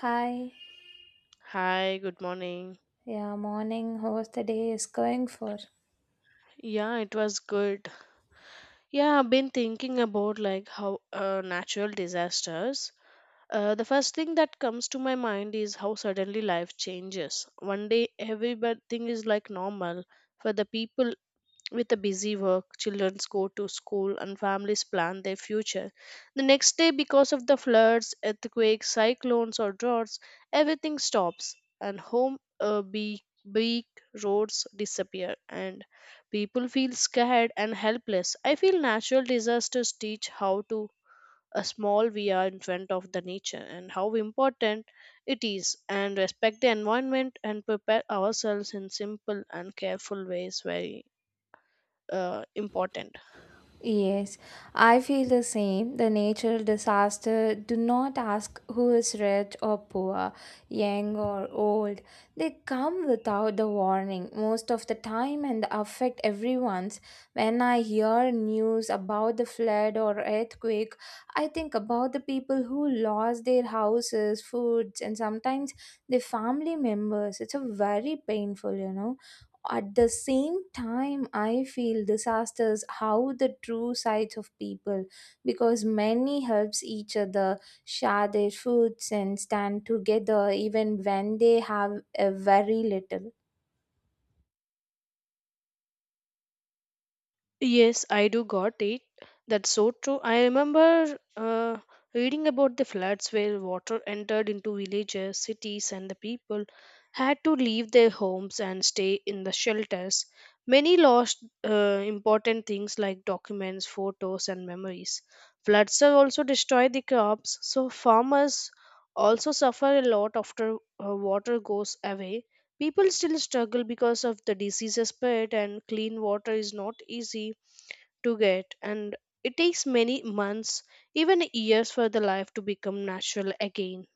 Hi. Hi, good morning. Yeah, morning. How's the day is going for? Yeah, it was good. Yeah, I've been thinking about how natural disasters. The first thing that comes to my mind is how suddenly life changes. One day, everything is like normal for the people with the busy work, children go to school and families plan their future. The next day, because of the floods, earthquakes, cyclones, or droughts, everything stops and home be big roads disappear and people feel scared and helpless. I feel natural disasters teach how to a small we are in front of the nature and how important it is and respect the environment and prepare ourselves in simple and careful ways very important. Yes, I feel the same. The natural disaster do not ask who is rich or poor, young or old. They come without the warning most of the time and affect everyone's. When I hear news about the flood or earthquake, I think about the people who lost their houses, foods, and sometimes their family members. It's a very painful. At the same time, I feel disasters how the true sides of people because many helps each other, share their foods and stand together even when they have a very little. Yes, I do got it. That's so true. I remember reading about the floods where water entered into villages, cities, and the people had to leave their homes and stay in the shelters. Many lost important things like documents, photos, and memories. Floods have also destroyed the crops, so farmers also suffer a lot after water goes away. People still struggle because of the diseases spread, and clean water is not easy to get and it takes many months, even years for the life to become natural again.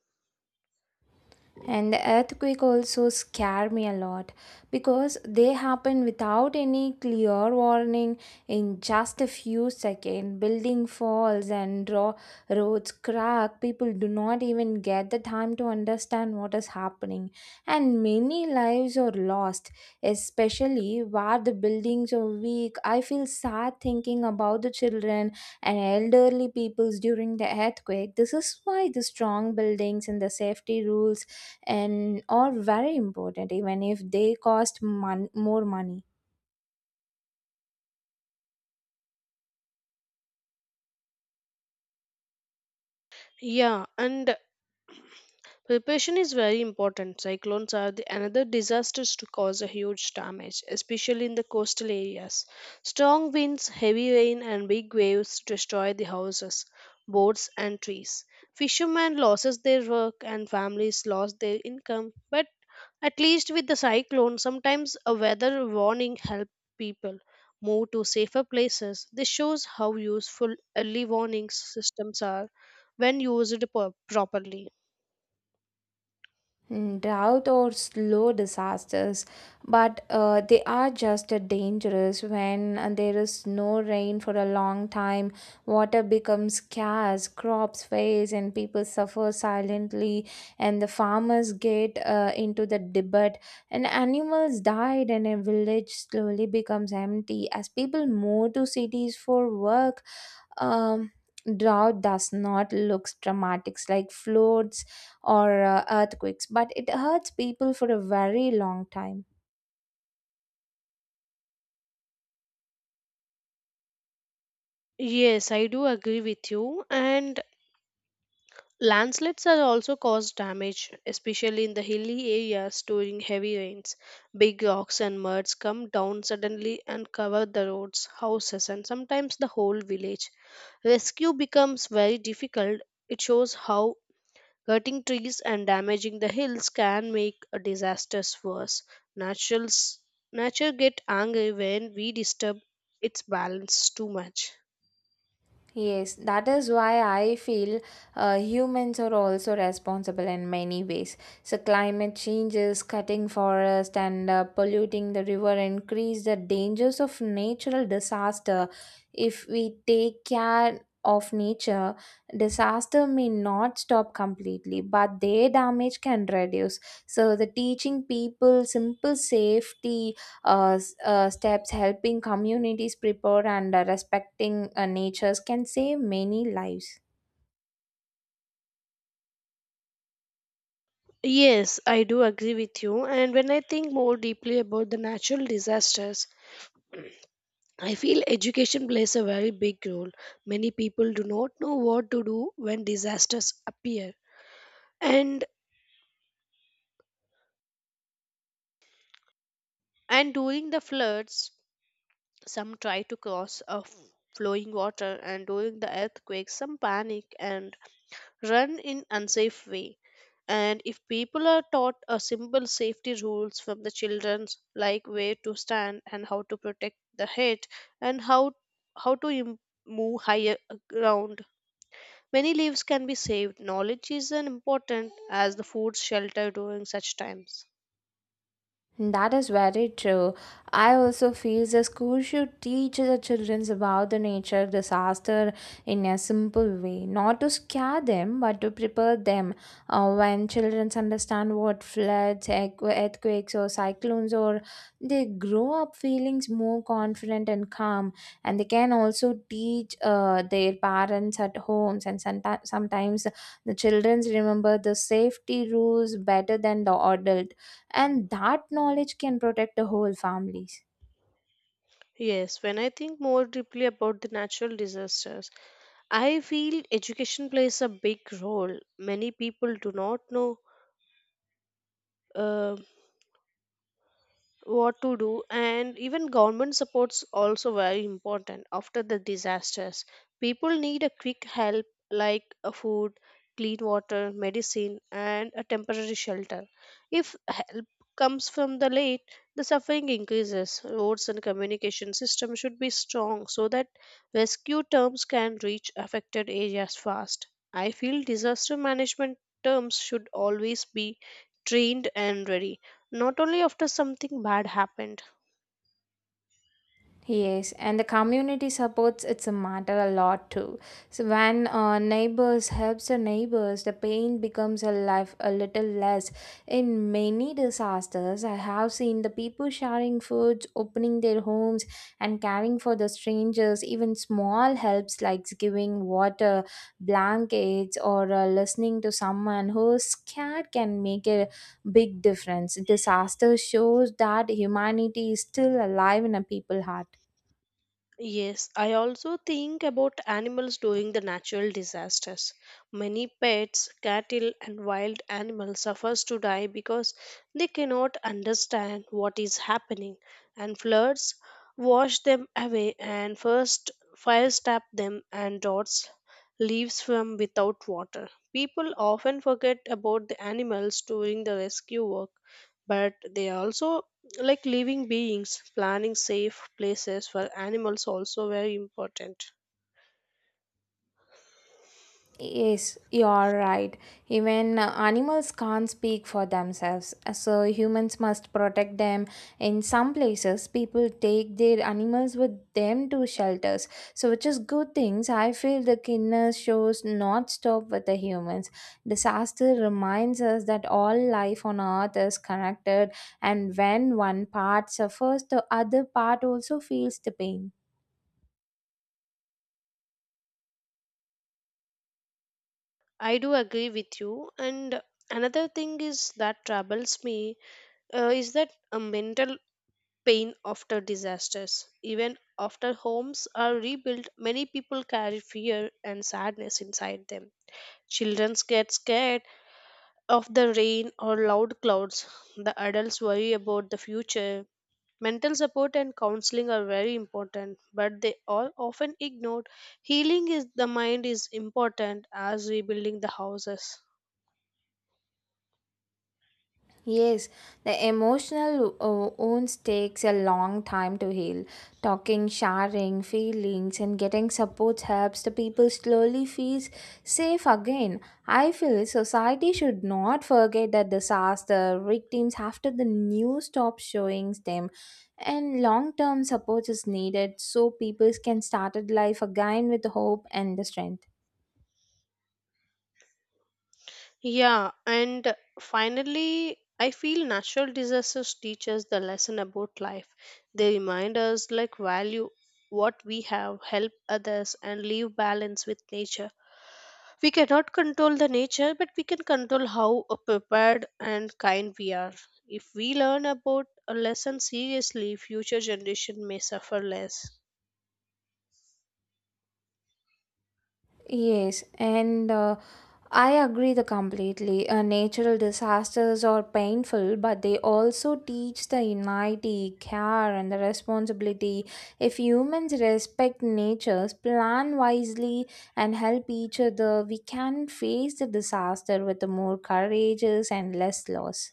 And the earthquake also scare me a lot because they happen without any clear warning in just a few seconds. Building falls and roads crack. People do not even get the time to understand what is happening. And many lives are lost, especially where the buildings are weak. I feel sad thinking about the children and elderly peoples during the earthquake. This is why the strong buildings and the safety rules and or very important even if they cost more money. Yeah, and preparation is very important. Cyclones are the another disasters to cause a huge damage, especially in the coastal areas. Strong winds, heavy rain and big waves destroy the houses, boats and trees. Fishermen loses their work and families lost their income, but at least with the cyclone, sometimes a weather warning helps people move to safer places. This shows how useful early warning systems are when used properly. Drought or slow disasters, but they are just dangerous when there is no rain for a long time. Water becomes scarce, crops fail, and people suffer silently. And the farmers get into the debate, and animals died, and a village slowly becomes empty as people move to cities for work. Um, Drought does not look dramatic like floods or earthquakes, but it hurts people for a very long time. Yes, I do agree with you. And landslides are also cause damage, especially in the hilly areas during heavy rains. Big rocks and muds come down suddenly and cover the roads, houses, and sometimes the whole village. Rescue becomes very difficult. It shows how cutting trees and damaging the hills can make a disasters worse. Naturals, Nature get angry when we disturb its balance too much. Yes, that is why I feel humans are also responsible in many ways. So, climate changes, cutting forest, and polluting the river increase the dangers of natural disaster. If we take care of nature, disaster may not stop completely, but their damage can reduce. So, the teaching people simple safety steps helping communities prepare and respecting natures can save many lives. Yes, I do agree with you. And when I think more deeply about the natural disasters, I feel education plays a very big role. Many people do not know what to do when disasters appear. And and during the floods, some try to cross a flowing water, and during the earthquake, some panic and run in unsafe way. And if people are taught a simple safety rules from the children, like where to stand and how to protect the head and how to move higher ground, many lives can be saved. Knowledge is an important as the food shelter during such times. That is very true. I also feel the school should teach the children about the nature disaster in a simple way, not to scare them, but to prepare them. When children understand what floods, earthquakes, or cyclones, or they grow up feelings more confident and calm, and they can also teach their parents at homes. And sometimes the children remember the safety rules better than the adult and that knowledge can protect the whole families. Yes, when I think more deeply about the natural disasters, I feel education plays a big role. Many people do not know. Uh, what to do and even government supports also very important after the disasters. People need a quick help like a food, clean water, medicine and a temporary shelter. If help comes from the late, the suffering increases. Roads and communication system should be strong so that rescue terms can reach affected areas fast. I feel disaster management terms should always be trained and ready, not only after something bad happened. Yes, and the community supports it's a matter a lot too. So when neighbors helps the neighbors, the pain becomes a life a little less. In many disasters, I have seen the people sharing foods, opening their homes, and caring for the strangers. Even small helps like giving water, blankets, or listening to someone who's scared can make a big difference. Disaster shows that humanity is still alive in a people heart. Yes, I also think about animals during the natural disasters. Many pets, cattle, and wild animals suffers to die because they cannot understand what is happening, and floods wash them away, and first fires tap them, and dots leaves from without water. People often forget about the animals during the rescue work, but they also like living beings planning safe places for animals also very important. Yes, you are right. Even animals can't speak for themselves, so humans must protect them. In some places, people take their animals with them to shelters, so which is good things. I feel the kindness shows not stop with the humans. Disaster reminds us that all life on earth is connected, and when one part suffers, the other part also feels the pain. I do agree with you. And another thing is that troubles me is that a mental pain after disasters. Even after homes are rebuilt, many people carry fear and sadness inside them. Children get scared of the rain or loud clouds. The adults worry about the future. Mental support and counseling are very important, but they are often ignored. Healing is the mind is important as rebuilding the houses. Yes, the emotional wounds takes a long time to heal. Talking, sharing feelings, and getting support helps the people slowly feel safe again. I feel society should not forget that disaster victims after the news stops showing them, and long-term support is needed so people can start life again with hope and the strength. Yeah, and finally, I feel natural disasters teach us the lesson about life. They remind us like value what we have, help others, and leave balance with nature. We cannot control the nature, but we can control how prepared and kind we are. If we learn about a lesson seriously, future generation may suffer less. Yes, and I agree the completely. Natural disasters are painful, but they also teach the unity, care, and the responsibility. If humans respect nature's plan wisely and help each other, we can face the disaster with the more courageous and less loss.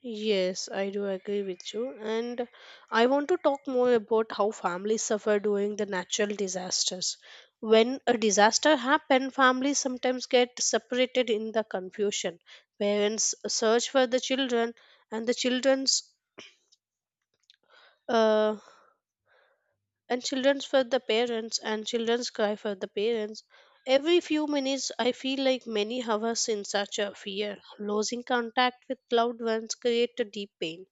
Yes, I do agree with you. And I want to talk more about how families suffer during the natural disasters. When a disaster happens, families sometimes get separated in the confusion. Parents search for the children, and the children's uh, and children's for the parents and children's cry for the parents every few minutes. I feel like many hours in such a fear. Losing contact with loved ones create a deep pain.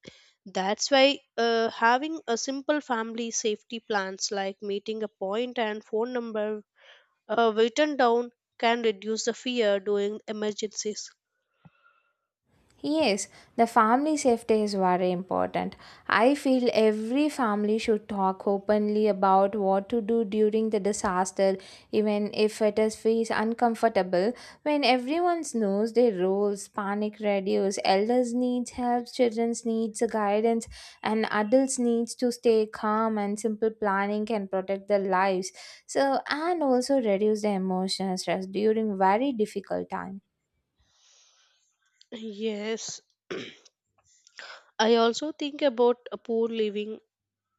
That's why having a simple family safety plans like meeting a point and phone number written down can reduce the fear during emergencies. Yes, the family safety is very important. I feel every family should talk openly about what to do during the disaster, even if it is feels uncomfortable. When everyone knows their roles, panic reduces, elders needs help, children's needs guidance, and adults needs to stay calm and simple planning can protect their lives so and also reduce the emotional stress during very difficult time. Yes. I also think about a poor living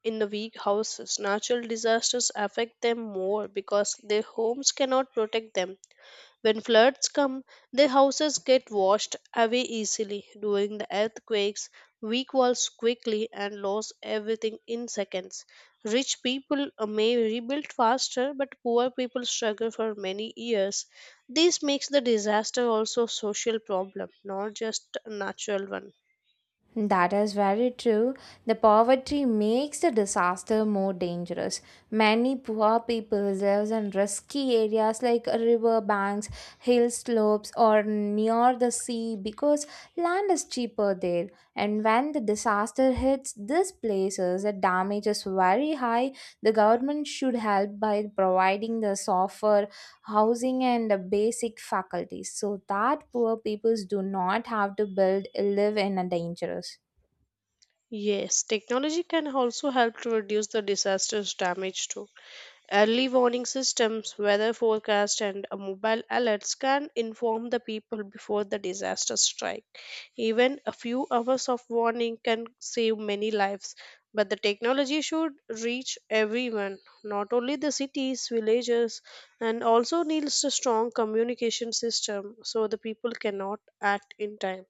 in the weak houses. Natural disasters affect them more because their homes cannot protect them. When floods come, their houses get washed away easily. During the earthquakes, weak walls quickly and lose everything in seconds. Rich people may rebuild faster, but poor people struggle for many years. This makes the disaster also a social problem, not just a natural one. That is very true. The poverty makes the disaster more dangerous. Many poor people live in risky areas like river banks, hill slopes, or near the sea because land is cheaper there. And when the disaster hits these places, the damage is very high. The government should help by providing the software housing and the basic faculties so that poor peoples do not have to build live in a dangerous. Yes, technology can also help to reduce the disaster's damage too. Early warning systems, weather forecast, and mobile alerts can inform the people before the disaster strike. Even a few hours of warning can save many lives. But the technology should reach everyone, not only the cities, villages, and also needs a strong communication system so the people cannot act in time.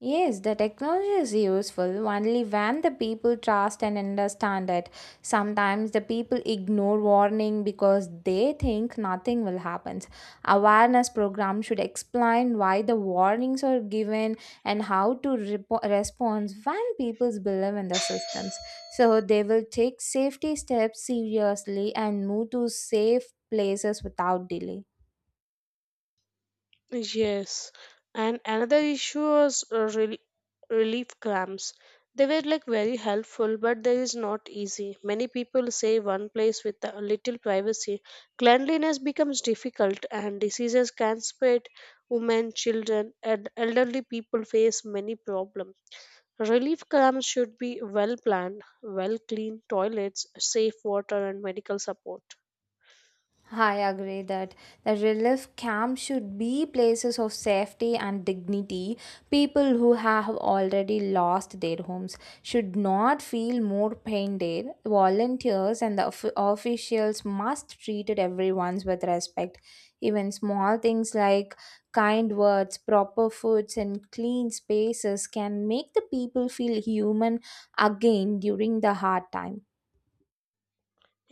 Yes, the technology is useful only when the people trust and understand it. Sometimes the people ignore warning because they think nothing will happen. Awareness program should explain why the warnings are given and how to repo respond when people believe in the systems. So they will take safety steps seriously and move to safe places without delay. Yes, and another issue was relief camps. They were like very helpful, but there is not easy. Many people say one place with a little privacy, cleanliness becomes difficult, and diseases can spread. Women, children, and elderly people face many problems. Relief camps should be well planned, well clean toilets, safe water, and medical support. I agree that the relief camp should be places of safety and dignity. People who have already lost their homes should not feel more pain there. Volunteers and the officials must treat everyone with respect. Even small things like kind words, proper foods, and clean spaces can make the people feel human again during the hard time.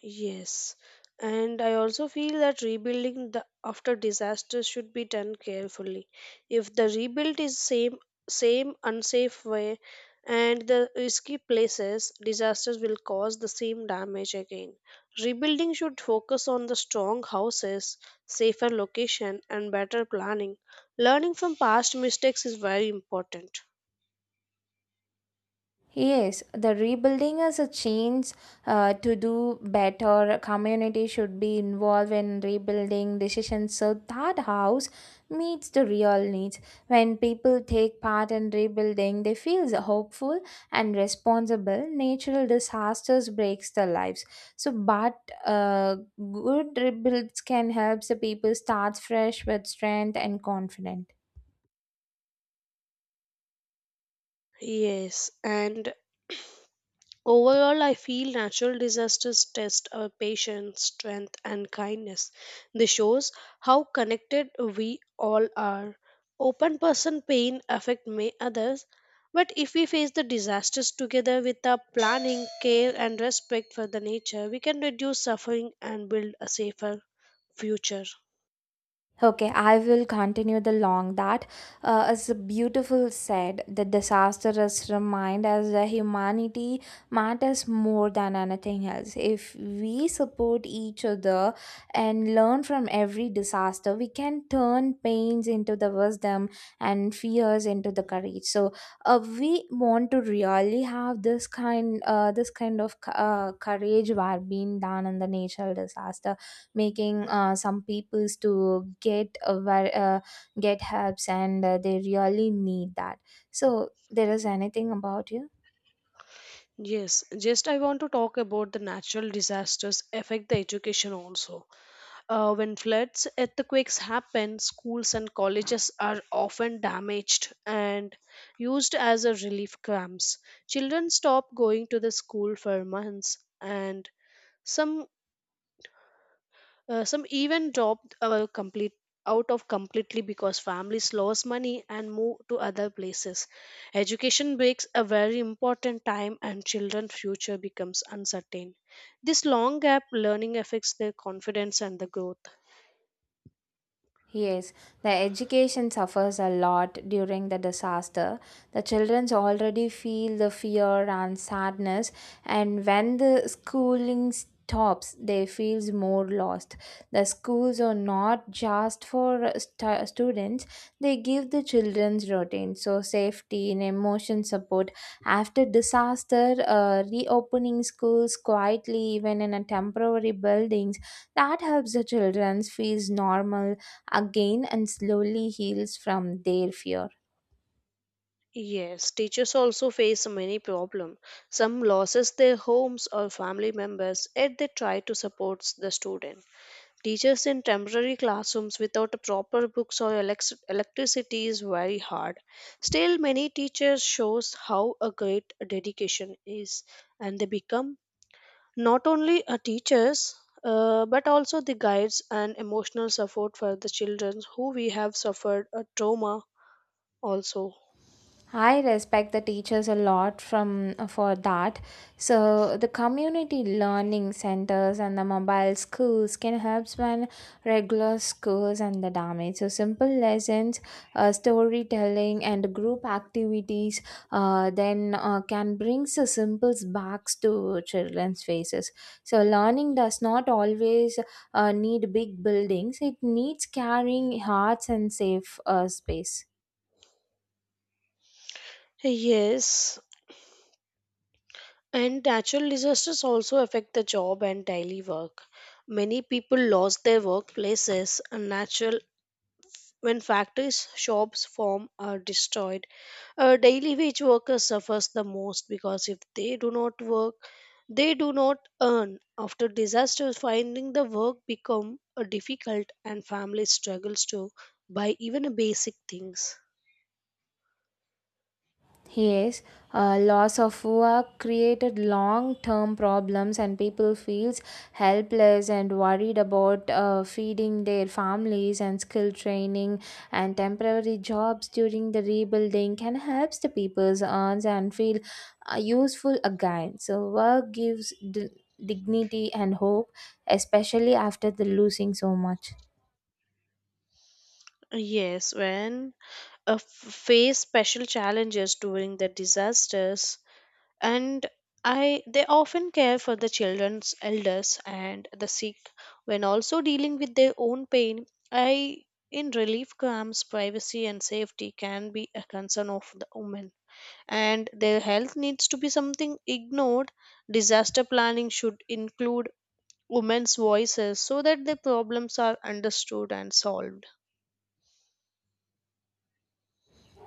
Yes, and I also feel that rebuilding the after disaster should be done carefully. If the rebuild is same unsafe way and the risky places, disasters will cause the same damage again. Rebuilding should focus on the strong houses, safer location, and better planning. Learning from past mistakes is very important. Yes, the rebuilding is a change to do better. Community should be involved in rebuilding decisions so that house meets the real needs. When people take part in rebuilding, they feel hopeful and responsible. Natural disasters breaks their lives. So, but good rebuilds can help the people start fresh with strength and confidence. Yes, and overall, I feel natural disasters test our patience, strength, and kindness. This shows how connected we all are. Open person pain affect may others, but if we face the disasters together with our planning, care, and respect for the nature, we can reduce suffering and build a safer future. Okay, I will continue the long that is a beautiful said. The disastrous remind us that humanity matters more than anything else. If we support each other and learn from every disaster, we can turn pains into the wisdom and fears into the courage. So, we want to really have this this kind of courage were being done in the natural disaster making some peoples to get get helps and they really need that so there is anything about you. Yes, just I want to talk about the natural disasters affect the education also. When floods, earthquakes happen, schools and colleges are often damaged and used as a relief camps. Children stop going to the school for months, and some some even dropped complete out of completely because families lost money and move to other places. Education breaks a very important time, and children's future becomes uncertain. This long gap learning affects their confidence and the growth. Yes, the education suffers a lot during the disaster. The children already feel the fear and sadness, and when the schooling stops, they feels more lost. The schools are not just for students; they give the children's routine, so safety and emotion support. After disaster, reopening schools quietly, even in a temporary buildings, that helps the children feels normal again and slowly heals from their fear. Yes, teachers also face many problems. Some losses their homes or family members, yet they try to support the student. Teachers in temporary classrooms without proper books or electricity is very hard. Still, many teachers shows how a great dedication is, and they become not only a teachers but also the guides and emotional support for the children who we have suffered a trauma also. I respect the teachers a lot from for that. So the community learning centers and the mobile schools can help when regular schools and the damage. So simple lessons, storytelling, and group activities then can bring the simples backs to children's faces. So learning does not always need big buildings. It needs carrying hearts and safe space. Yes, and natural disasters also affect the job and daily work. Many people lost their workplaces and natural when factories, shops, farm are destroyed. A daily wage worker suffers the most because if they do not work, they do not earn. After disasters, finding the work become difficult and family struggles to buy even a basic things. Yes, loss of work created long-term problems, and people feels helpless and worried about feeding their families. And skill training and temporary jobs during the rebuilding can help the people's earns and feel useful again. So work gives dignity and hope, especially after the losing so much. Yes, when face special challenges during the disasters, and I they often care for the children's elders and the sick when also dealing with their own pain. I in relief camps privacy and safety can be a concern of the women and their health needs to be something ignored. Disaster planning should include women's voices so that their problems are understood and solved.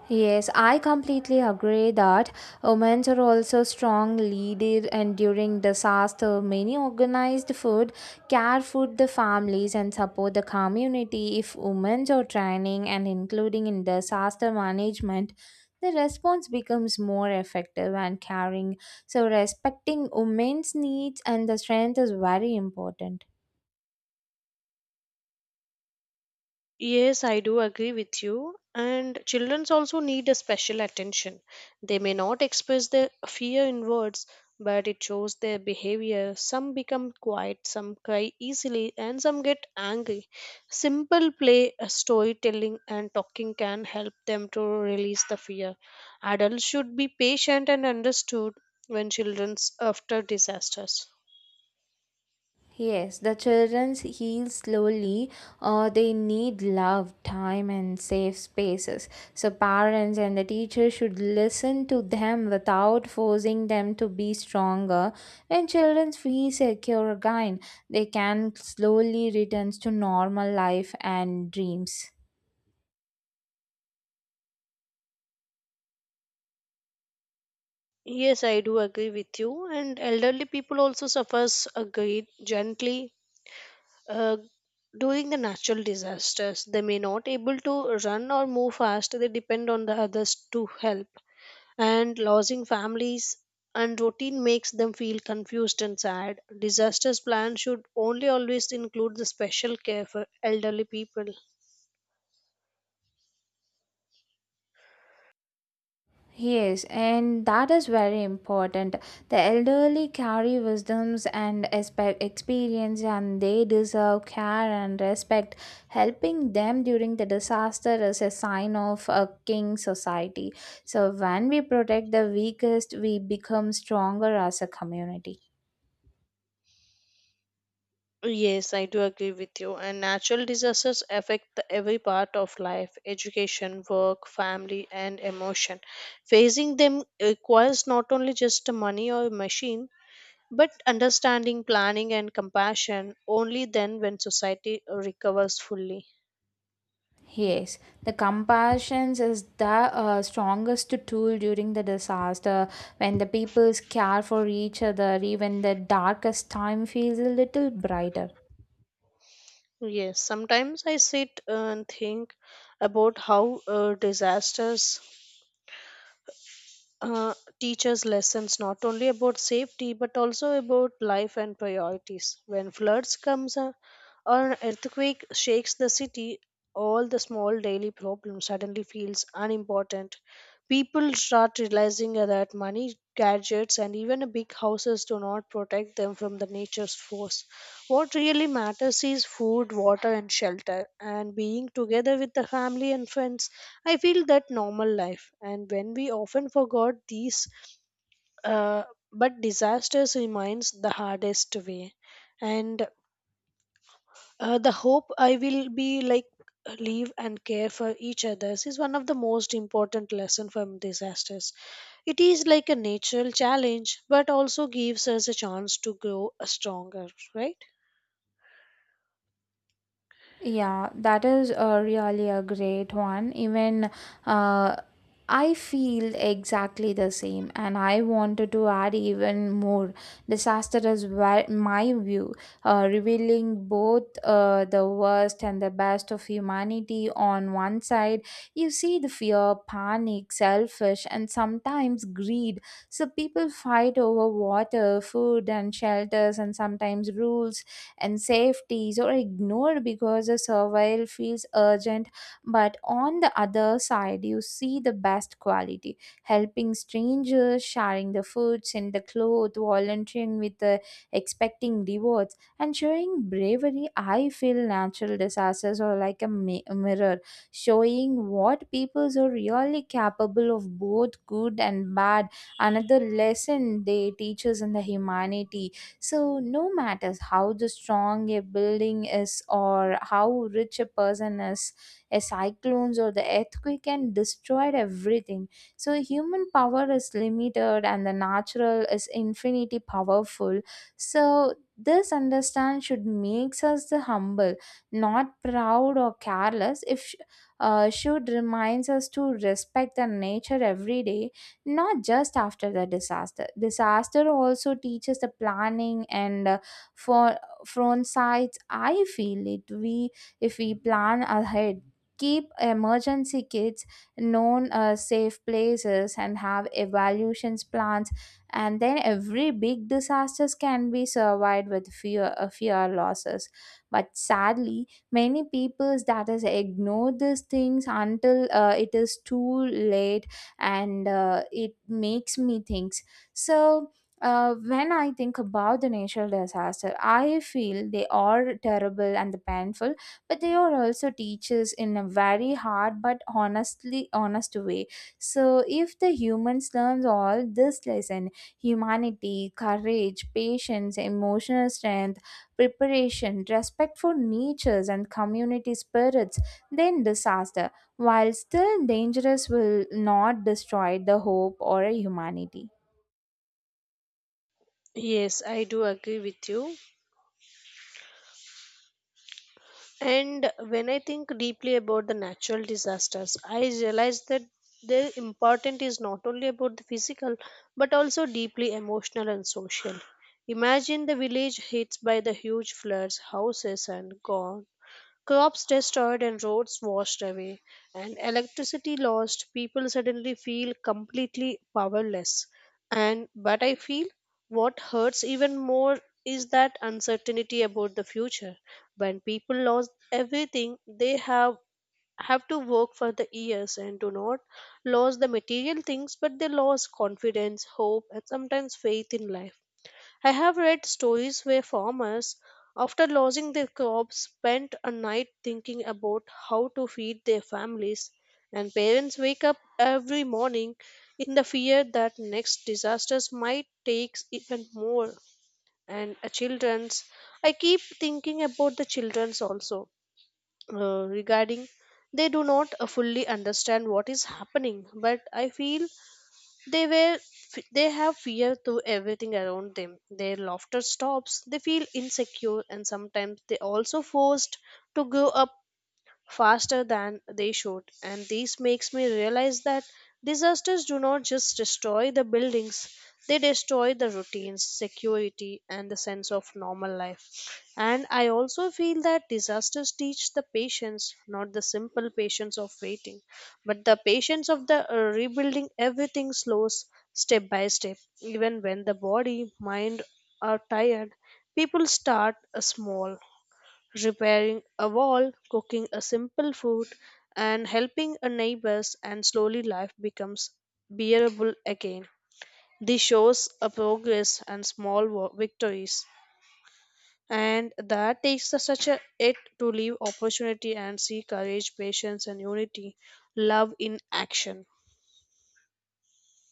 Yes, I completely agree that women are also strong leader and during disaster many organized food care food the families and support the community if women are training and including in disaster management the response becomes more effective and caring so respecting women's needs and the strength is very important. Yes, I do agree with you. And children also need a special attention. They may not express their fear in words, but it shows their behavior. Some become quiet, some cry easily, and some get angry. Simple play, storytelling, and talking can help them to release the fear. Adults should be patient and understood when children's after disasters. Yes, the children heal slowly. They need love, time, and safe spaces. So, parents and the teacher should listen to them without forcing them to be stronger. When children feel secure again, they can slowly return to normal life and dreams. Yes, I do agree with you. And elderly people also suffers a great gently uh, during the natural disasters, they may not able to run or move fast, they depend on the others to help, and losing families and routine makes them feel confused and sad. Disasters plan should only always include the special care for elderly people. Yes, and that is very important. The elderly carry wisdoms and experience, and they deserve care and respect. Helping them during the disaster is a sign of a king society. So, when we protect the weakest, we become stronger as a community. Yes, I do agree with you. And natural disasters affect the every part of life, education, work, family, and emotion. Facing them requires not only just money or machine, but understanding, planning, and compassion only then when society recovers fully. Yes, the compassion is the strongest tool during the disaster when the peoples care for each other, even the darkest time feels a little brighter. Yes, sometimes I sit and think about how disasters teach us lessons not only about safety but also about life and priorities. When floods comes, an earthquake shakes the city. All the small daily problems suddenly feels unimportant. People start realizing that money, gadgets, and even big houses do not protect them from the nature's force. What really matters is food, water, and shelter, and being together with the family and friends. I feel that normal life, and when we often forgot these, uh, but disasters remains the hardest way, and the hope I will be like leave and care for each others is one of the most important lesson from disasters. It is like a natural challenge, but also gives us a chance to grow stronger, right? Yeah, that is really a great one. Even uh, I feel exactly the same, and I wanted to add even more. Disaster is where, my view, revealing both the worst and the best of humanity on one side. You see the fear, panic, selfish, and sometimes greed. So people fight over water, food, and shelters, and sometimes rules and safeties or ignored because the survival feels urgent. But on the other side, you see the best quality helping strangers, sharing the foods and the clothes, volunteering with the expecting rewards, and showing bravery. I feel natural disasters are like a mirror showing what peoples are really capable of both good and bad another lesson they teach us in the humanity so, no matters how the strong a building is or how rich a person is, a cyclones or the earthquake can destroy everything. So, human power is limited and the natural is infinity powerful. So, this understand should makes us the humble, not proud or careless. If should reminds us to respect the nature every day not just after the disaster. Disaster also teaches the planning and for front sides. I feel it. We if we plan ahead, keep emergency kits, known safe places, and have evaluations plans, and then every big disasters can be survived with fear losses. But sadly, many peoples that is ignore these things until it is too late and it makes me think so when I think about the natural disaster, I feel they are terrible and painful, but they are also teachers in a very hard but honestly honest way. So if the humans learns all this lesson, humanity, courage, patience, emotional strength, preparation, respect for natures and community spirits, then disaster while still dangerous will not destroy the hope or humanity. Yes, I do agree with you. And when I think deeply about the natural disasters, I realize that their importance is not only about the physical but also deeply emotional and social. Imagine the village hit by the huge floods, houses and gone, crops destroyed and roads washed away, and electricity lost, people suddenly feel completely powerless. And but I feel what hurts even more is that uncertainty about the future. When people lost everything, they have to work for the years and do not lose the material things, but they lost confidence, hope, and sometimes faith in life. I have read stories where farmers, after losing their crops, spent a night thinking about how to feed their families, and parents wake up every morning in the fear that next disasters might take even more. And children's, I keep thinking about the children's also regarding they do not fully understand what is happening, but I feel they were they have fear to everything around them. Their laughter stops. They feel insecure and sometimes they also forced to grow up faster than they should, and this makes me realize that disasters do not just destroy the buildings, they destroy the routines, security, and the sense of normal life. And I also feel that disasters teach the patience, not the simple patience of waiting, but the patience of the rebuilding everything slows step by step. Even when the body mind are tired, people start small, repairing a wall, cooking a simple food, and helping a neighbors, and slowly life becomes bearable again. This shows a progress and small victories. And that takes such a it to leave opportunity and see courage, patience, and unity, love in action.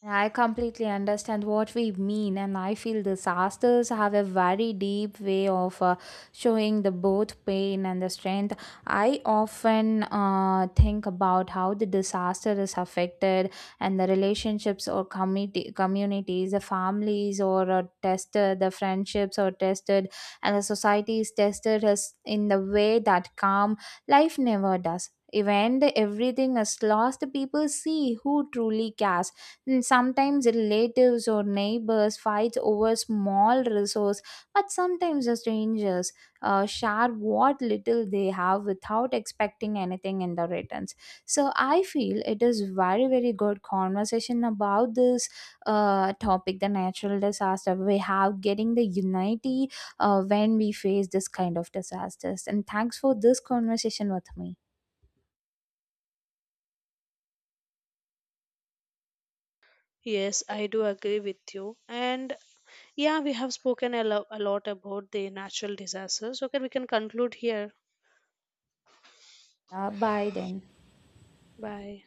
I completely understand what we mean, and I feel disasters have a very deep way of showing the both pain and the strength. I often think about how the disaster is affected, and the relationships or community communities, the families or tested, the friendships are tested, and the society is tested as in the way that calm life never does. Even the everything is lost, the people see who truly cares. Sometimes relatives or neighbors fight over small resource, but sometimes the strangers share what little they have without expecting anything in the returns. So I feel it is very very good conversation about this topic, the natural disaster. We have getting the unity when we face this kind of disasters. And thanks for this conversation with me. Yes, I do agree with you. And yeah, we have spoken a lot about the natural disasters. Okay, we can conclude here. Bye then. Bye.